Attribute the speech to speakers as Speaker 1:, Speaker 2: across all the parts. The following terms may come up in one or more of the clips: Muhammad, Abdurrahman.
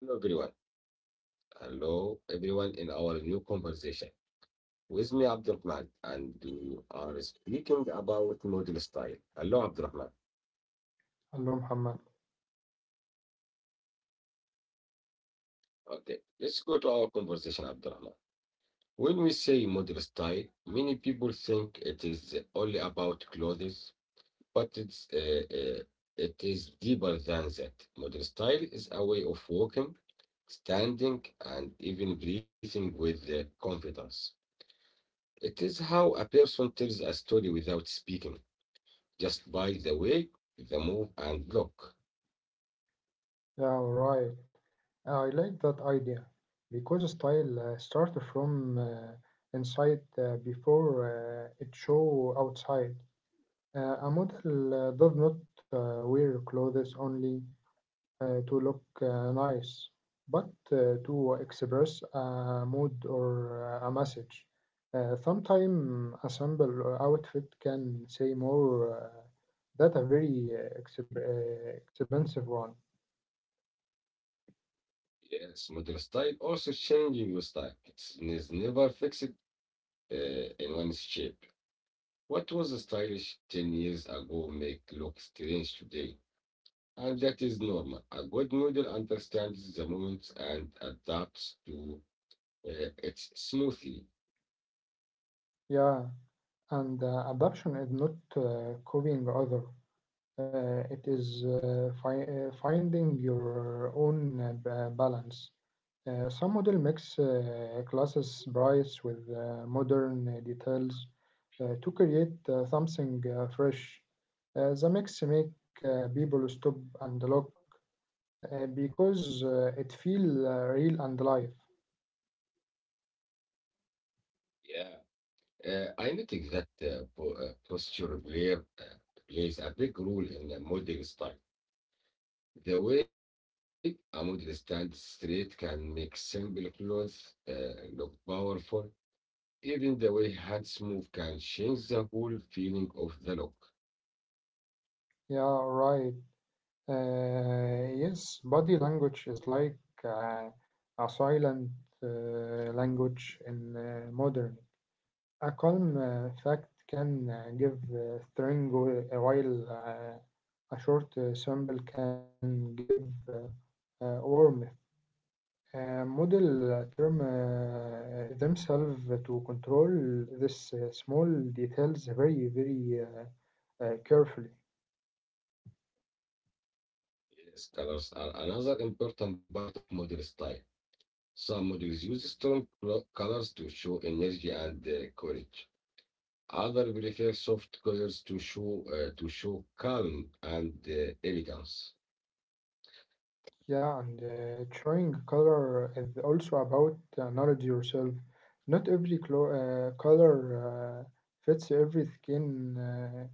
Speaker 1: Hello everyone. Hello everyone in our new conversation. With me Abdurrahman, and we are speaking about model style. Hello Abdurrahman.
Speaker 2: Hello, Muhammad.
Speaker 1: Okay, let's go to our conversation Abdurrahman. When we say model style, many people think it is only about clothes, but it is deeper than that. Model style is a way of walking, standing, and even breathing with confidence. It is how a person tells a story without speaking. Just by the way, the move and look.
Speaker 2: Yeah, right. I like that idea because style starts from inside before it show outside. A model does not wear clothes only to look nice, but to express a mood or a message. Sometimes a simple outfit can say more than a very expensive one.
Speaker 1: Yes, model style also changing with time. It is never fixed in one shape. What was stylish 10 years ago make look strange today. And that is normal. A good model understands the moment and adapts to it smoothly.
Speaker 2: Yeah, and adoption is not copying other. It is finding your own balance. Some model mix classes price with modern details to create something fresh. The mix make people stop and look because it feel real and live.
Speaker 1: Yeah. I noticed that posture player plays a big role in the model style. The way a model stands straight can make simple clothes look powerful. Even the way hands move can change the whole feeling of the look.
Speaker 2: Yeah, right. Yes, body language is like uh, a silent language in modern. A calm fact can give strength, while a short symbol can give uh, warmth. Model term themselves to control this small details very, very carefully.
Speaker 1: Yes, colors are another important part of model style. Some models use strong colors to show energy and courage. Others prefer soft colors to show calm and elegance.
Speaker 2: Yeah, and showing color is also about knowledge yourself. Not every color fits every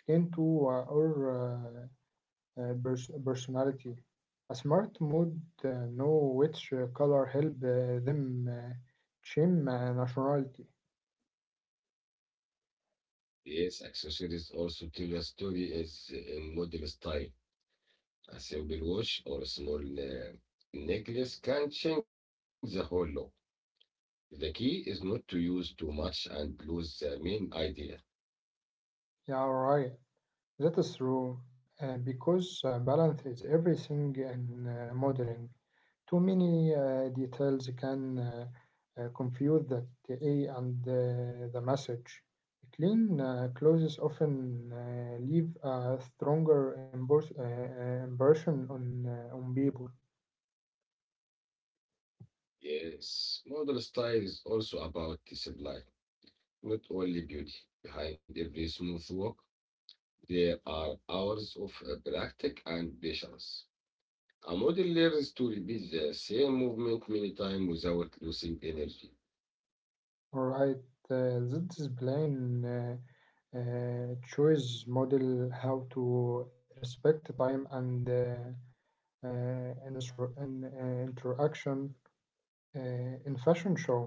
Speaker 2: skin tone or personality. A smart mood know which color help them change nationality.
Speaker 1: Yes, accessories also tell a story is in model style. A simple watch or a small necklace can change the whole look. The key is not to use too much and lose the main idea.
Speaker 2: Yeah, right. That is true. Because balance is everything in modeling. Too many details can. Confuse that A and the message. Clean clothes often leave a stronger impression on people.
Speaker 1: Yes, model style is also about discipline, not only beauty. Behind every smooth walk, there are hours of practice and patience. A model learns to repeat the same movement many times without losing energy.
Speaker 2: Alright, this is plain choice model how to respect time and uh, interaction uh, in fashion show.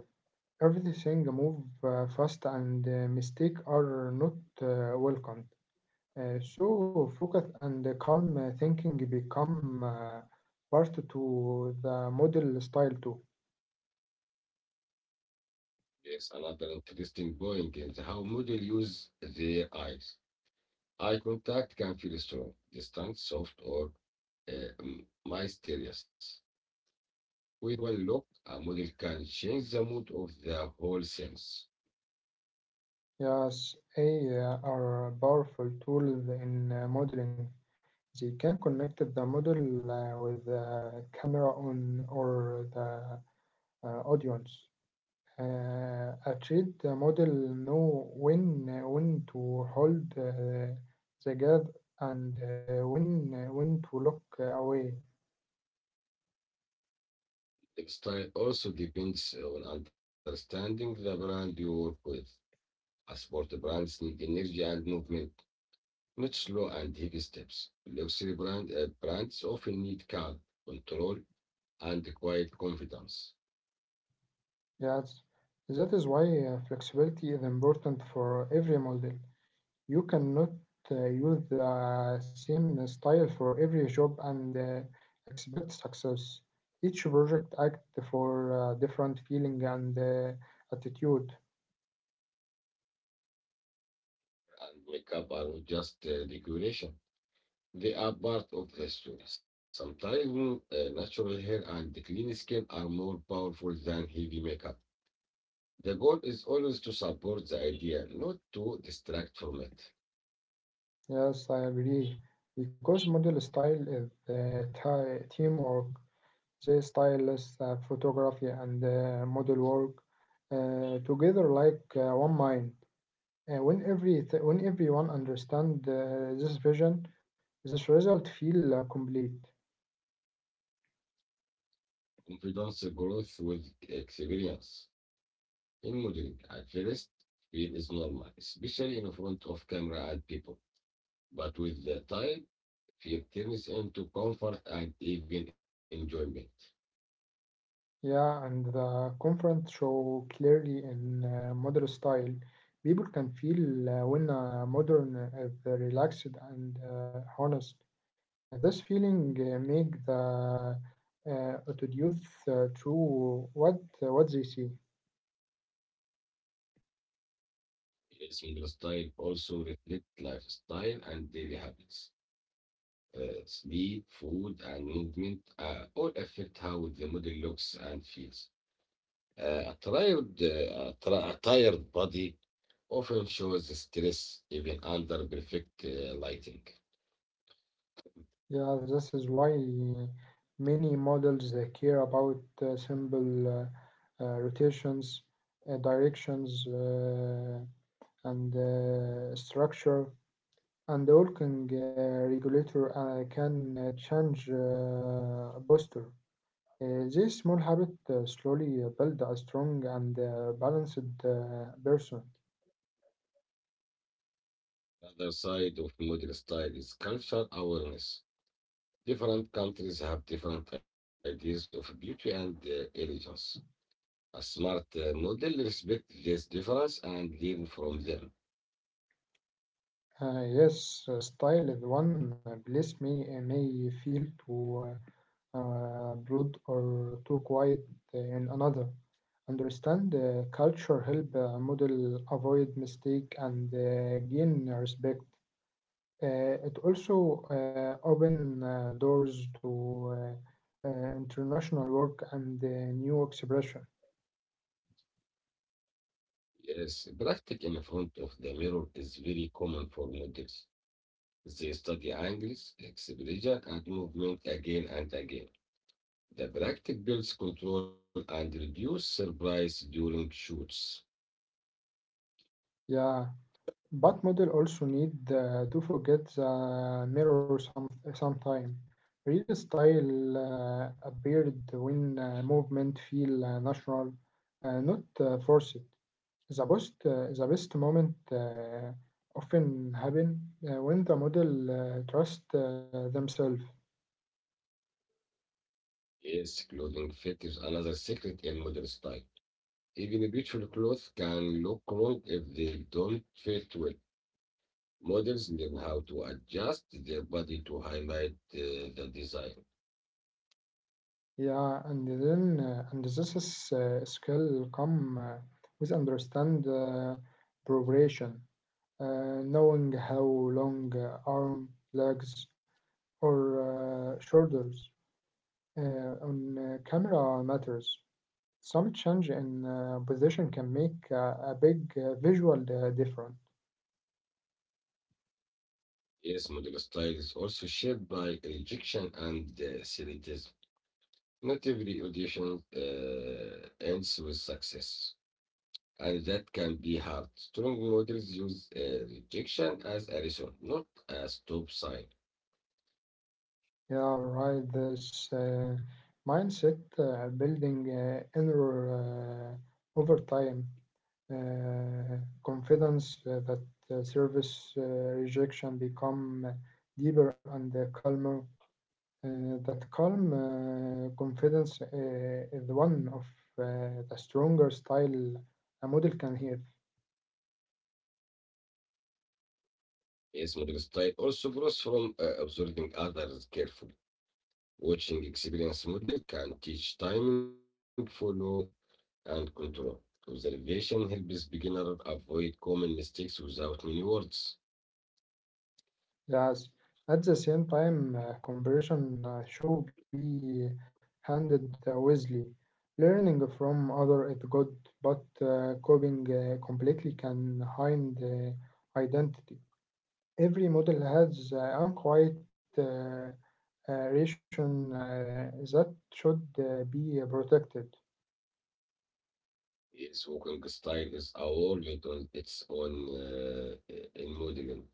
Speaker 2: Everything move fast and mistake are not welcome. So focus and calm thinking become part to the model style too.
Speaker 1: Yes, another interesting point is how model use their eyes. Eye contact can feel strong, distant, soft, or uh, mysterious. With one look, a model can change the mood of the whole sense.
Speaker 2: Yes, AI are powerful tools in modeling. They can connect the model with the camera on or the audience. A treat the model know when to hold the gaze and when to look away.
Speaker 1: Style also depends on understanding the brand you work with. A sport brands need energy and movement, not slow and heavy steps. Luxury brands often need calm, control, and quiet confidence.
Speaker 2: Yes, that is why flexibility is important for every model. You cannot use the same style for every job and expect success. Each project acts for different feeling and attitude.
Speaker 1: And makeup are not just decoration. They are part of the story. Sometimes natural hair and clean skin are more powerful than heavy makeup. The goal is always to support the idea, not to distract from it.
Speaker 2: Yes, I agree. Because model style is teamwork. The stylist, photography, and model work together like one mind. When everyone understand this vision, this result feel complete.
Speaker 1: Confidence growth with experience. In modeling, at first, fear is normal, especially in front of camera and people. But with the time, it turns into comfort and even enjoyment.
Speaker 2: Yeah, and the conference show clearly in modern style. People can feel when modern is relaxed and honest. This feeling make the audience true what they see.
Speaker 1: Sleeping style also reflect lifestyle and daily habits. Sleep, food, and movement all affect how the model looks and feels. A tired body often shows stress even under perfect lighting.
Speaker 2: Yeah, this is why many models they care about simple rotations, directions, and structure. And the walking regulator can change posture. This small habit slowly build a strong and balanced person.
Speaker 1: Other side of modern style is cultural awareness. Different countries have different ideas of beauty and elegance. A smart model respects this difference and learn from them.
Speaker 2: Yes, style is one place may feel too broad or too quiet in another. Understand culture help model avoid mistake and gain respect. It also open doors to international work and new expression.
Speaker 1: Yes, practice in front of the mirror is very common for models. They study angles, exposure, and movement again and again. The practice builds control and reduces surprise during shoots.
Speaker 2: Yeah. But model also need to forget the mirror sometime. Real style appeared when movement feel natural, not forced. The best moment often happen when the model trust themselves.
Speaker 1: Yes, clothing fit is another secret in modern style. Even beautiful clothes can look wrong if they don't fit well. Models learn how to adjust their body to highlight the design.
Speaker 2: Yeah, and then and this is skill come with understand progression. Knowing how long arm, legs, or shoulders on camera matters. Some change in position can make a big visual difference.
Speaker 1: Yes, model style is also shaped by rejection and selectivism. Not every audition ends with success, and that can be hard. Strong models use rejection as a reason, not a stop sign.
Speaker 2: Yeah, right. This mindset building inner over time, uh, confidence that service rejection become deeper and calmer. That calm confidence is one of the stronger style a model can have.
Speaker 1: Yes, model style also grows from observing others carefully. Watching experienced model can teach timing, follow, and control. Observation helps beginner avoid common mistakes without many words.
Speaker 2: Yes, at the same time, conversion should be handled wisely. Learning from other is good, but copying completely can hide identity. Every model has unquiet uh, ration that should be protected.
Speaker 1: Yes, walking style is a world on its own in modeling.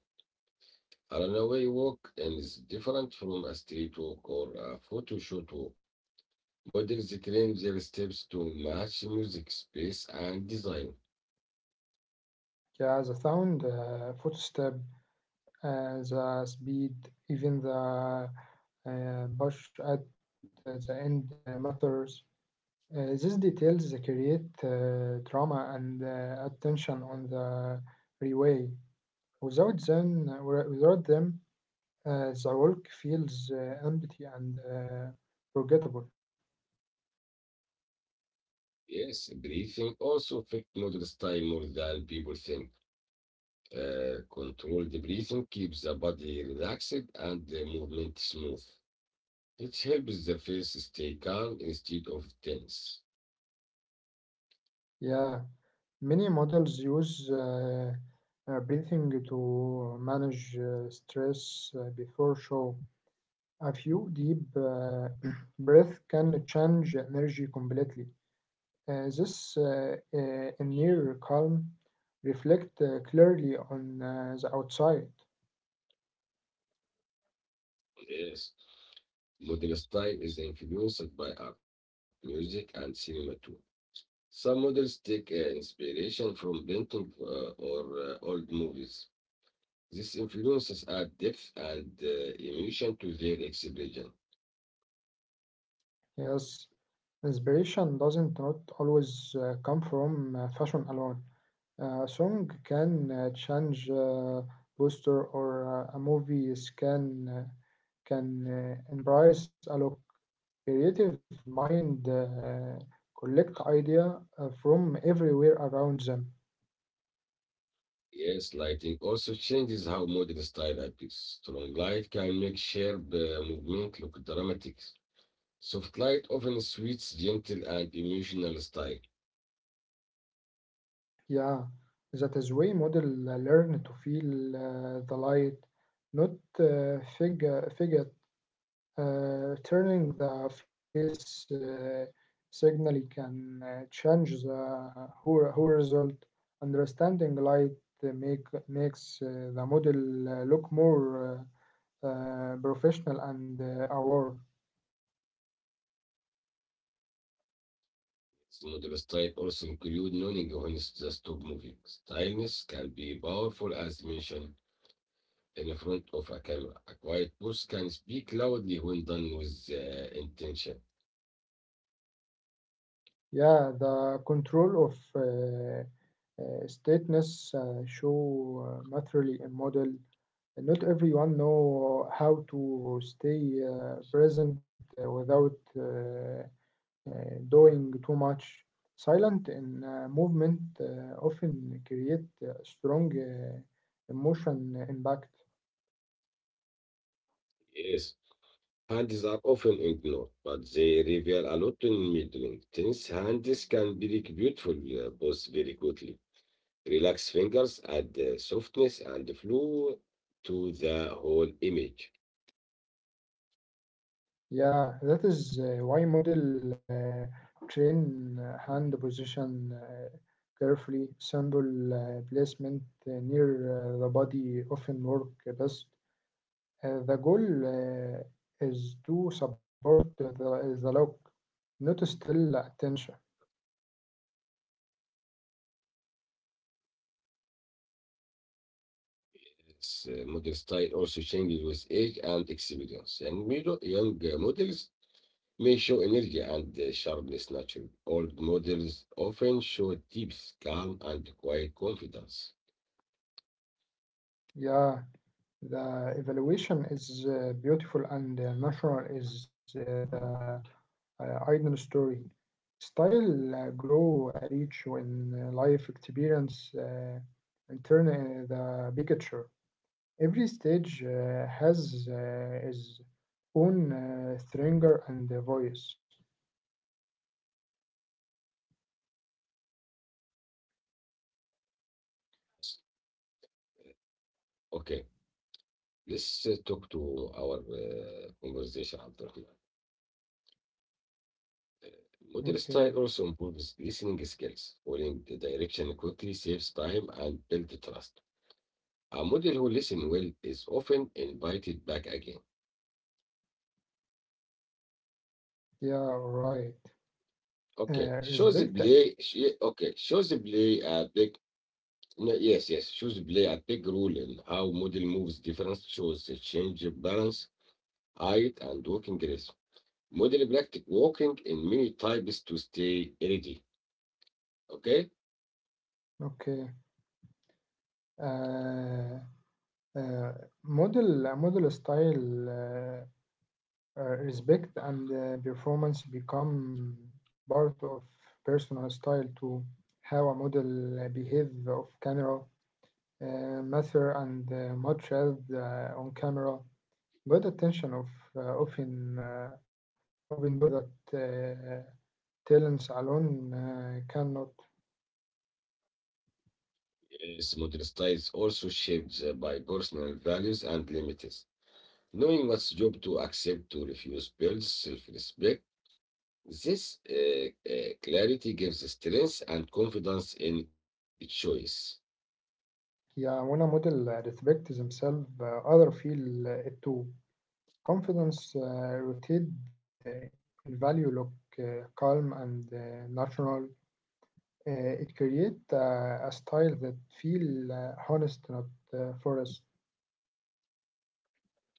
Speaker 1: A runaway walk and is different from a street walk or a photoshoot walk. Models claim their steps to match music, space, and design.
Speaker 2: Yeah, the sound, footstep, the speed, even the push at the end matters. These details they create drama and attention on the relay. Without them, without them, the walk feels empty and forgettable.
Speaker 1: Yes, breathing also affects noodle style more than people think. Controlled breathing keeps the body relaxed and the movement smooth. It helps the face stay calm instead of tense.
Speaker 2: Yeah, many models use breathing to manage stress before show. A few deep breath can change energy completely. This inner calm reflect clearly on the outside.
Speaker 1: Yes, model style is influenced by art, music, and cinema too. Some models take inspiration from painting or old movies. This influences add depth and emotion to their expression.
Speaker 2: Yes, inspiration doesn't not always come from fashion alone. A song can change poster or a movie is can embrace a look. Creative mind collect idea from everywhere around them.
Speaker 1: Yes, lighting also changes how modern style appears. Strong light can make sharp movement look dramatic. Soft light often suits gentle and emotional style.
Speaker 2: Yeah, that is way model learn to feel the light, not figure turning the face signal can change the whole result. Understanding light uh, make makes the model look more uh, professional and aware.
Speaker 1: Modern style also include knowing when to stop moving. Stylness can be powerful as mentioned in front of a camera. A quiet pose can speak loudly when done with intention.
Speaker 2: Yeah, the control of stateness show materially a model. Not everyone know how to stay present without uh, doing too much. Silent and movement often create a strong emotion impact.
Speaker 1: Yes. Hands are often ignored, but they reveal a lot in middling things. Hands can break beautiful pose very quickly. Relax fingers, add softness and flow to the whole image.
Speaker 2: Yeah, that is why model train hand position carefully, simple placement near the body often work best. The goal uh, is to support the lock, not still attention.
Speaker 1: This Model style also changes with age and experience. And middle, young models may show energy and sharpness naturally. Old models often show depth, calm, and quiet confidence.
Speaker 2: Yeah, the evaluation is beautiful and natural is the Iron story. Style grow rich when life experience and turn the big picture. Every stage has its own stringer and the voice.
Speaker 1: Yes. Okay. Let's talk to our conversation, Abdurrahman. Modern
Speaker 2: Okay,
Speaker 1: style also improves listening skills, following the direction quickly saves time and builds trust. A model who listens well is often invited back again.
Speaker 2: yeah, right. Uh,
Speaker 1: Okay,
Speaker 2: respect.
Speaker 1: shows the play. Sh- Okay, shows the play a big. No, Yes, shows the play a big role in how model moves. Difference shows the change of balance, height, and walking rhythm. Model practice walking in many types to stay ready. Okay?
Speaker 2: Okay. Uh, uh, model style. Respect and performance become part of personal style too. How a model behave off camera matter and much as on camera. Good attention of often open door that talents alone cannot.
Speaker 1: Yes, modern style is also shaped by personal values and limits. Knowing what's job to accept to refuse builds self-respect. This clarity gives strength and confidence in choice.
Speaker 2: Yeah, when a model respects themselves, other feel it too. Confidence rooted in value look calm and natural. Uh, it creates a style that feel honest, not forced.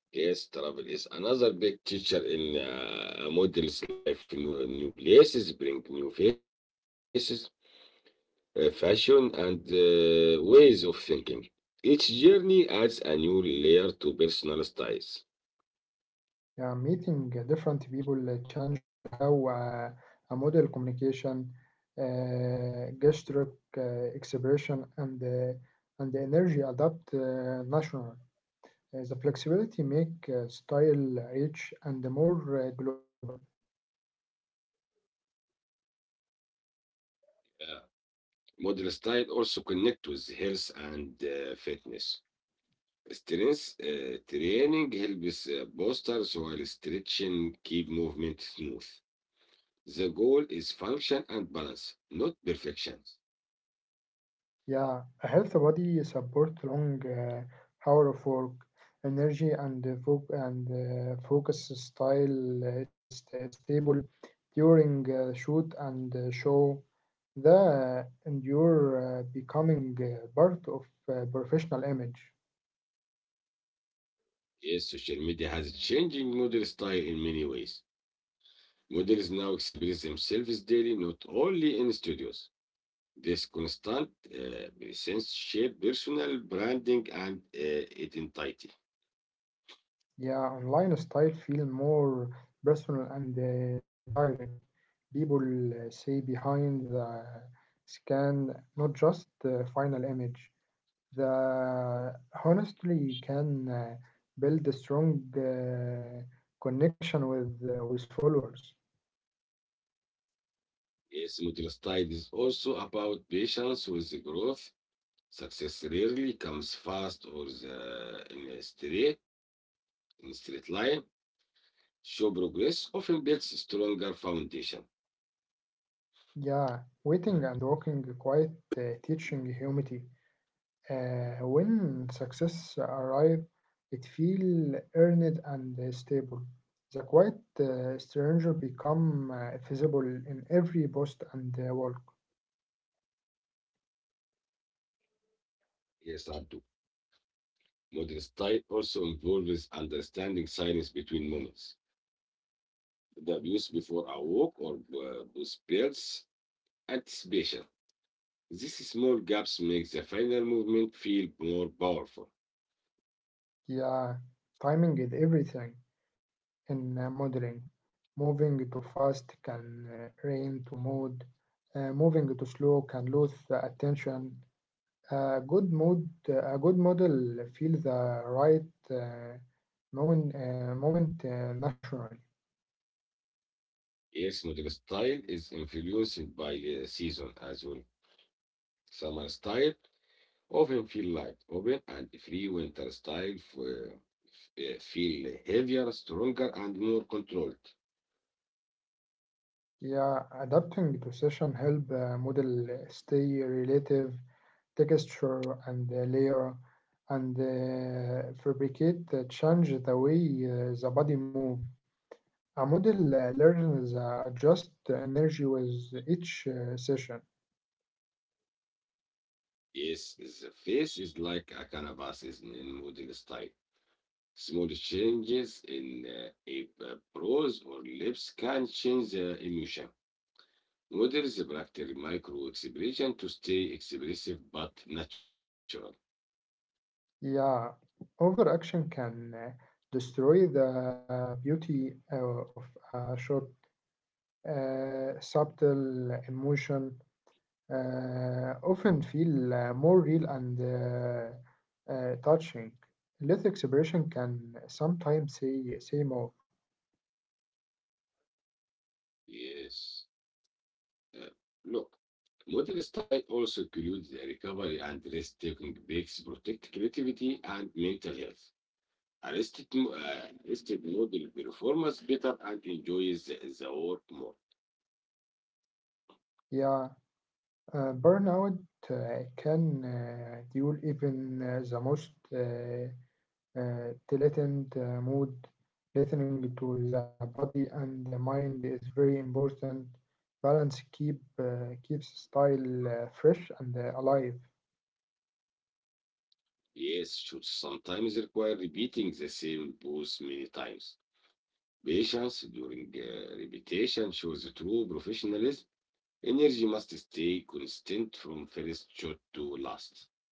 Speaker 1: Yes, travel is another big teacher in a model's life. New places bring new faces, fashion, and ways of thinking. Each journey adds a new layer to personal styles.
Speaker 2: Yeah, meeting different people change how a model communication, gesture, expression, and the energy adapt national. The flexibility make style rich and more global.
Speaker 1: Yeah. Modern style also connect with health and fitness. Strength training helps posters while stretching keep movement smooth. The goal is function and balance, not perfection.
Speaker 2: Yeah, a healthy body supports long hour of work, energy and focus style stable during shoot and show. The endure becoming part of professional image.
Speaker 1: Yes, social media has changing modern style in many ways. Models now express themselves daily, not only in studios. This constant presence shape personal branding and identity.
Speaker 2: Yeah, online style feel more personal and direct. People see behind the scan, not just the final image. The honestly can build a strong connection with followers.
Speaker 1: Yes, middle style is also about patience with the growth. Success rarely comes fast or the, in a straight line. Show progress often builds stronger foundation.
Speaker 2: Yeah,
Speaker 1: Yeah.
Speaker 2: waiting and walking quite teaching humility. When success arrive, it feel earned and stable. The quiet stranger become visible in every post and walk.
Speaker 1: Yes, I do. Modern style also involves understanding silence between moments. The views before a walk or those builds anticipation. These small gaps make the final movement feel more powerful.
Speaker 2: Yeah, timing is everything in modeling. Moving too fast can rain to mood. Moving too slow can lose the attention. A good mood, a good model feels the right moment naturally.
Speaker 1: Yes, model style is influenced by the season as well. Summer style often feel light, open, and free. Winter style feel heavier, stronger, and more controlled.
Speaker 2: Yeah, adapting to session help model stay relative texture and layer and fabricate change the way the body move. A model learns adjust the energy with each session.
Speaker 1: Yes, the face is like a canvas is in model style. Small changes in a brows or lips can change the emotion. Models practice micro expression to stay expressive but natural.
Speaker 2: Yeah, overaction can destroy the beauty of a shot. Subtle emotion often feel more real and touching. Less expression can sometimes say more.
Speaker 1: Yes. Uh, Look, model style also includes the recovery and rest taking breaks, protect creativity and mental health. Arrested model performance better and enjoys the work more.
Speaker 2: Yeah, burnout can duel even the most. The mood, listening to the body and the mind is very important. Balance keeps style fresh and alive.
Speaker 1: Yes, should sometimes require repeating the same pose many times. Patience during repetition shows true professionalism. Energy must stay constant from first shot to last.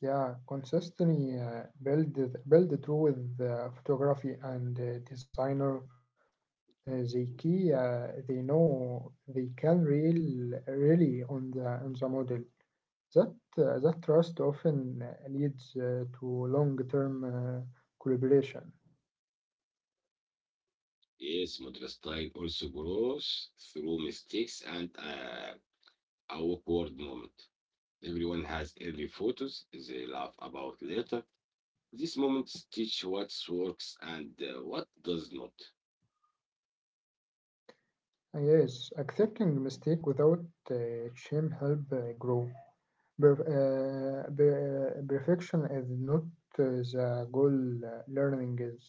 Speaker 2: Yeah, consistently build through with photography and designer. They key they know they can really on the model. That that trust often leads to long term collaboration.
Speaker 1: Yes, Madrid style also grows through mistakes and a awkward moment. Everyone has early photos they laugh about later. These moments teach what works and what does not.
Speaker 2: Ah, yes, accepting mistake without uh, shame help grow. Perfection is not the goal. Learning is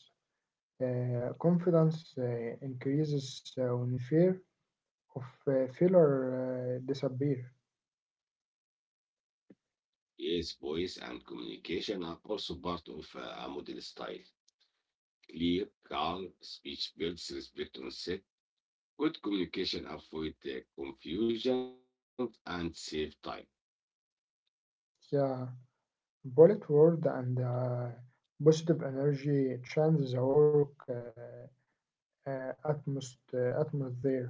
Speaker 2: confidence increases when fear of failure disappear.
Speaker 1: Yes, voice and communication are also part of a model style. Clear, calm speech builds respect on set. Good communication avoid confusion and save time.
Speaker 2: Yeah, bullet word and positive energy change the work atmosphere.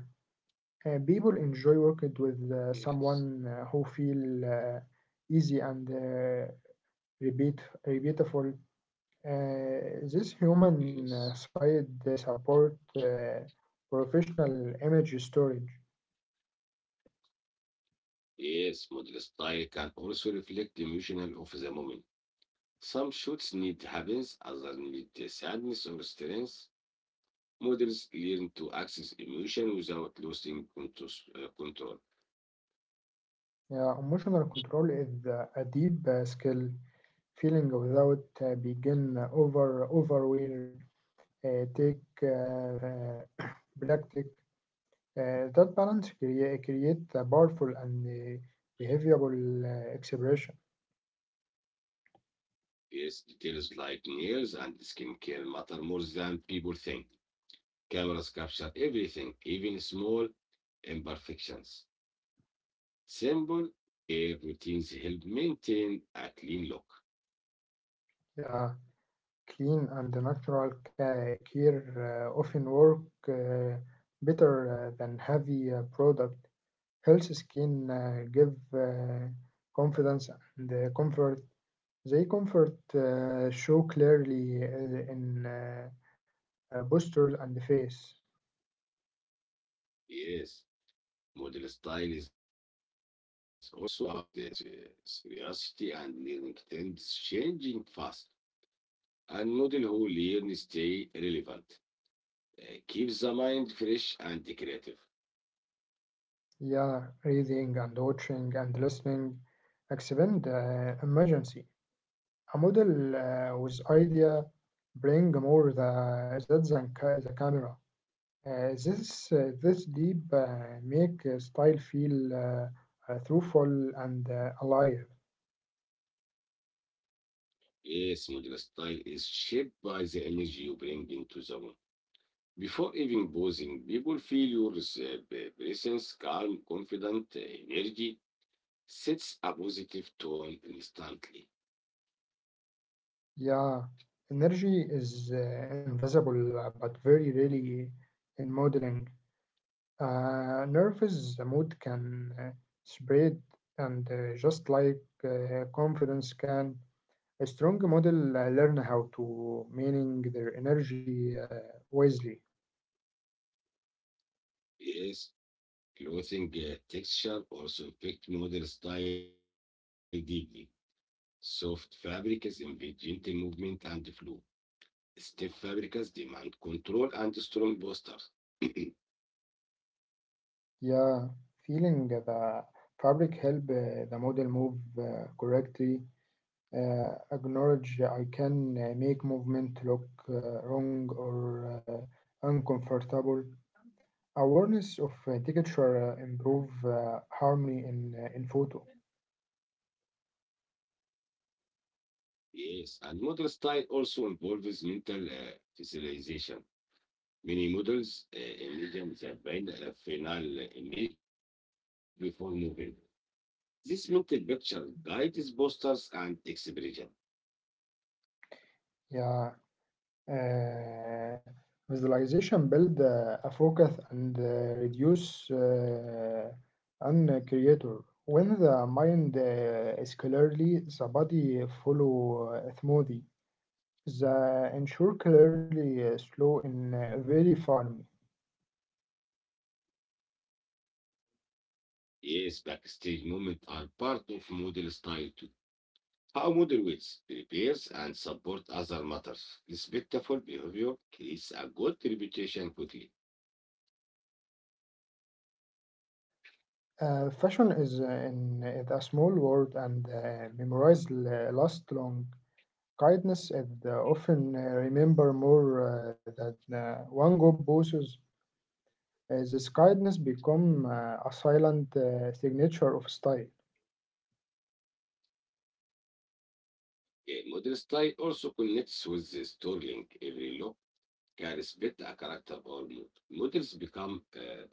Speaker 2: People enjoy working with
Speaker 1: Yes,
Speaker 2: someone who feel easy and repeat, repeatable. This human
Speaker 1: yes.
Speaker 2: side support professional image storage.
Speaker 1: Yes, modern style can also reflect the emotional of the moment. Some shoots need happiness, others need the sadness or strength. Models learn to access emotion without losing control.
Speaker 2: Emotional control is a deep skill. Feeling without begin over where take uh, practice. That balance create a powerful and behavioral expression.
Speaker 1: Yes, details like nails and skincare matter more than people think. Cameras capture everything, even small imperfections. Simple care routines help maintain a clean look.
Speaker 2: Uh, clean and natural care often work uh, better than heavy product. Healthy skin give confidence and comfort. They comfort show clearly in postures and face.
Speaker 1: Yes. Model style is also about seriously and learning trends changing fast. And model who learn stay relevant, keeps the mind fresh and creative.
Speaker 2: Yeah, reading and watching and listening expand emergency. A model with idea bring more the, that than the camera. This deep make style feel truthful and alive.
Speaker 1: Yes, model style is shaped by the energy you bring into the room. Before even pausing, people feel your presence, calm, confident, energy sets a positive tone instantly.
Speaker 2: Yeah, energy is invisible but very really in modeling. Nervous mood can spread and just like confidence can. A strong model learn how to manage their energy wisely.
Speaker 1: Yes, clothing texture also affect model style deeply. Soft fabrics invite gentle movement and flow. Stiff fabrics demand control and strong posture.
Speaker 2: Yeah, feeling the fabric help the model move correctly. Acknowledge I can make movement look wrong or uncomfortable. Awareness of texture improve harmony in photo.
Speaker 1: Yes, and model style also involves mental visualization. Many models imagine the final image before moving. This mental picture guides postures and expression.
Speaker 2: Yeah, Uh, visualization build a focus and reduce and creator. When the mind is clearly, the body follow smoothly. The ensure clearly slow in very farm.
Speaker 1: Yes, backstage moments are part of model style too. How model ways, repairs, and support other matters. Respectful behavior creates a good reputation quickly.
Speaker 2: Fashion is in is a small word and memorize last long. Kindness is often remember more than one good bosses. This kindness become a silent signature of style.
Speaker 1: A model style also connects with the storytelling. Every look can respect a character or mood. Models become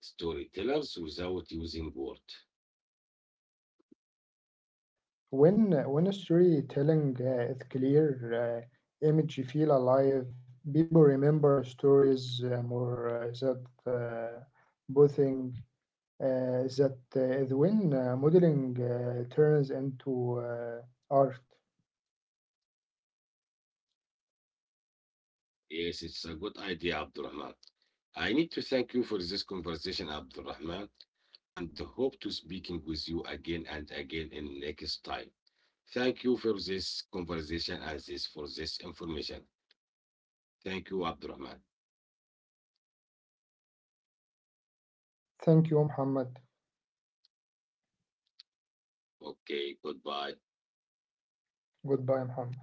Speaker 1: storytellers without using words.
Speaker 2: When storytelling is clear, image feel alive. People remember stories more that bothing that is when modeling turns into art.
Speaker 1: Yes, it's a good idea, Abdurrahman. I need to thank you for this conversation, Abdurrahman, and hope to speaking with you again and again in next time. Thank you for this conversation and this for this information. Thank you, Abdurrahman.
Speaker 2: Thank you, Muhammad.
Speaker 1: Okay, goodbye.
Speaker 2: Goodbye, Muhammad.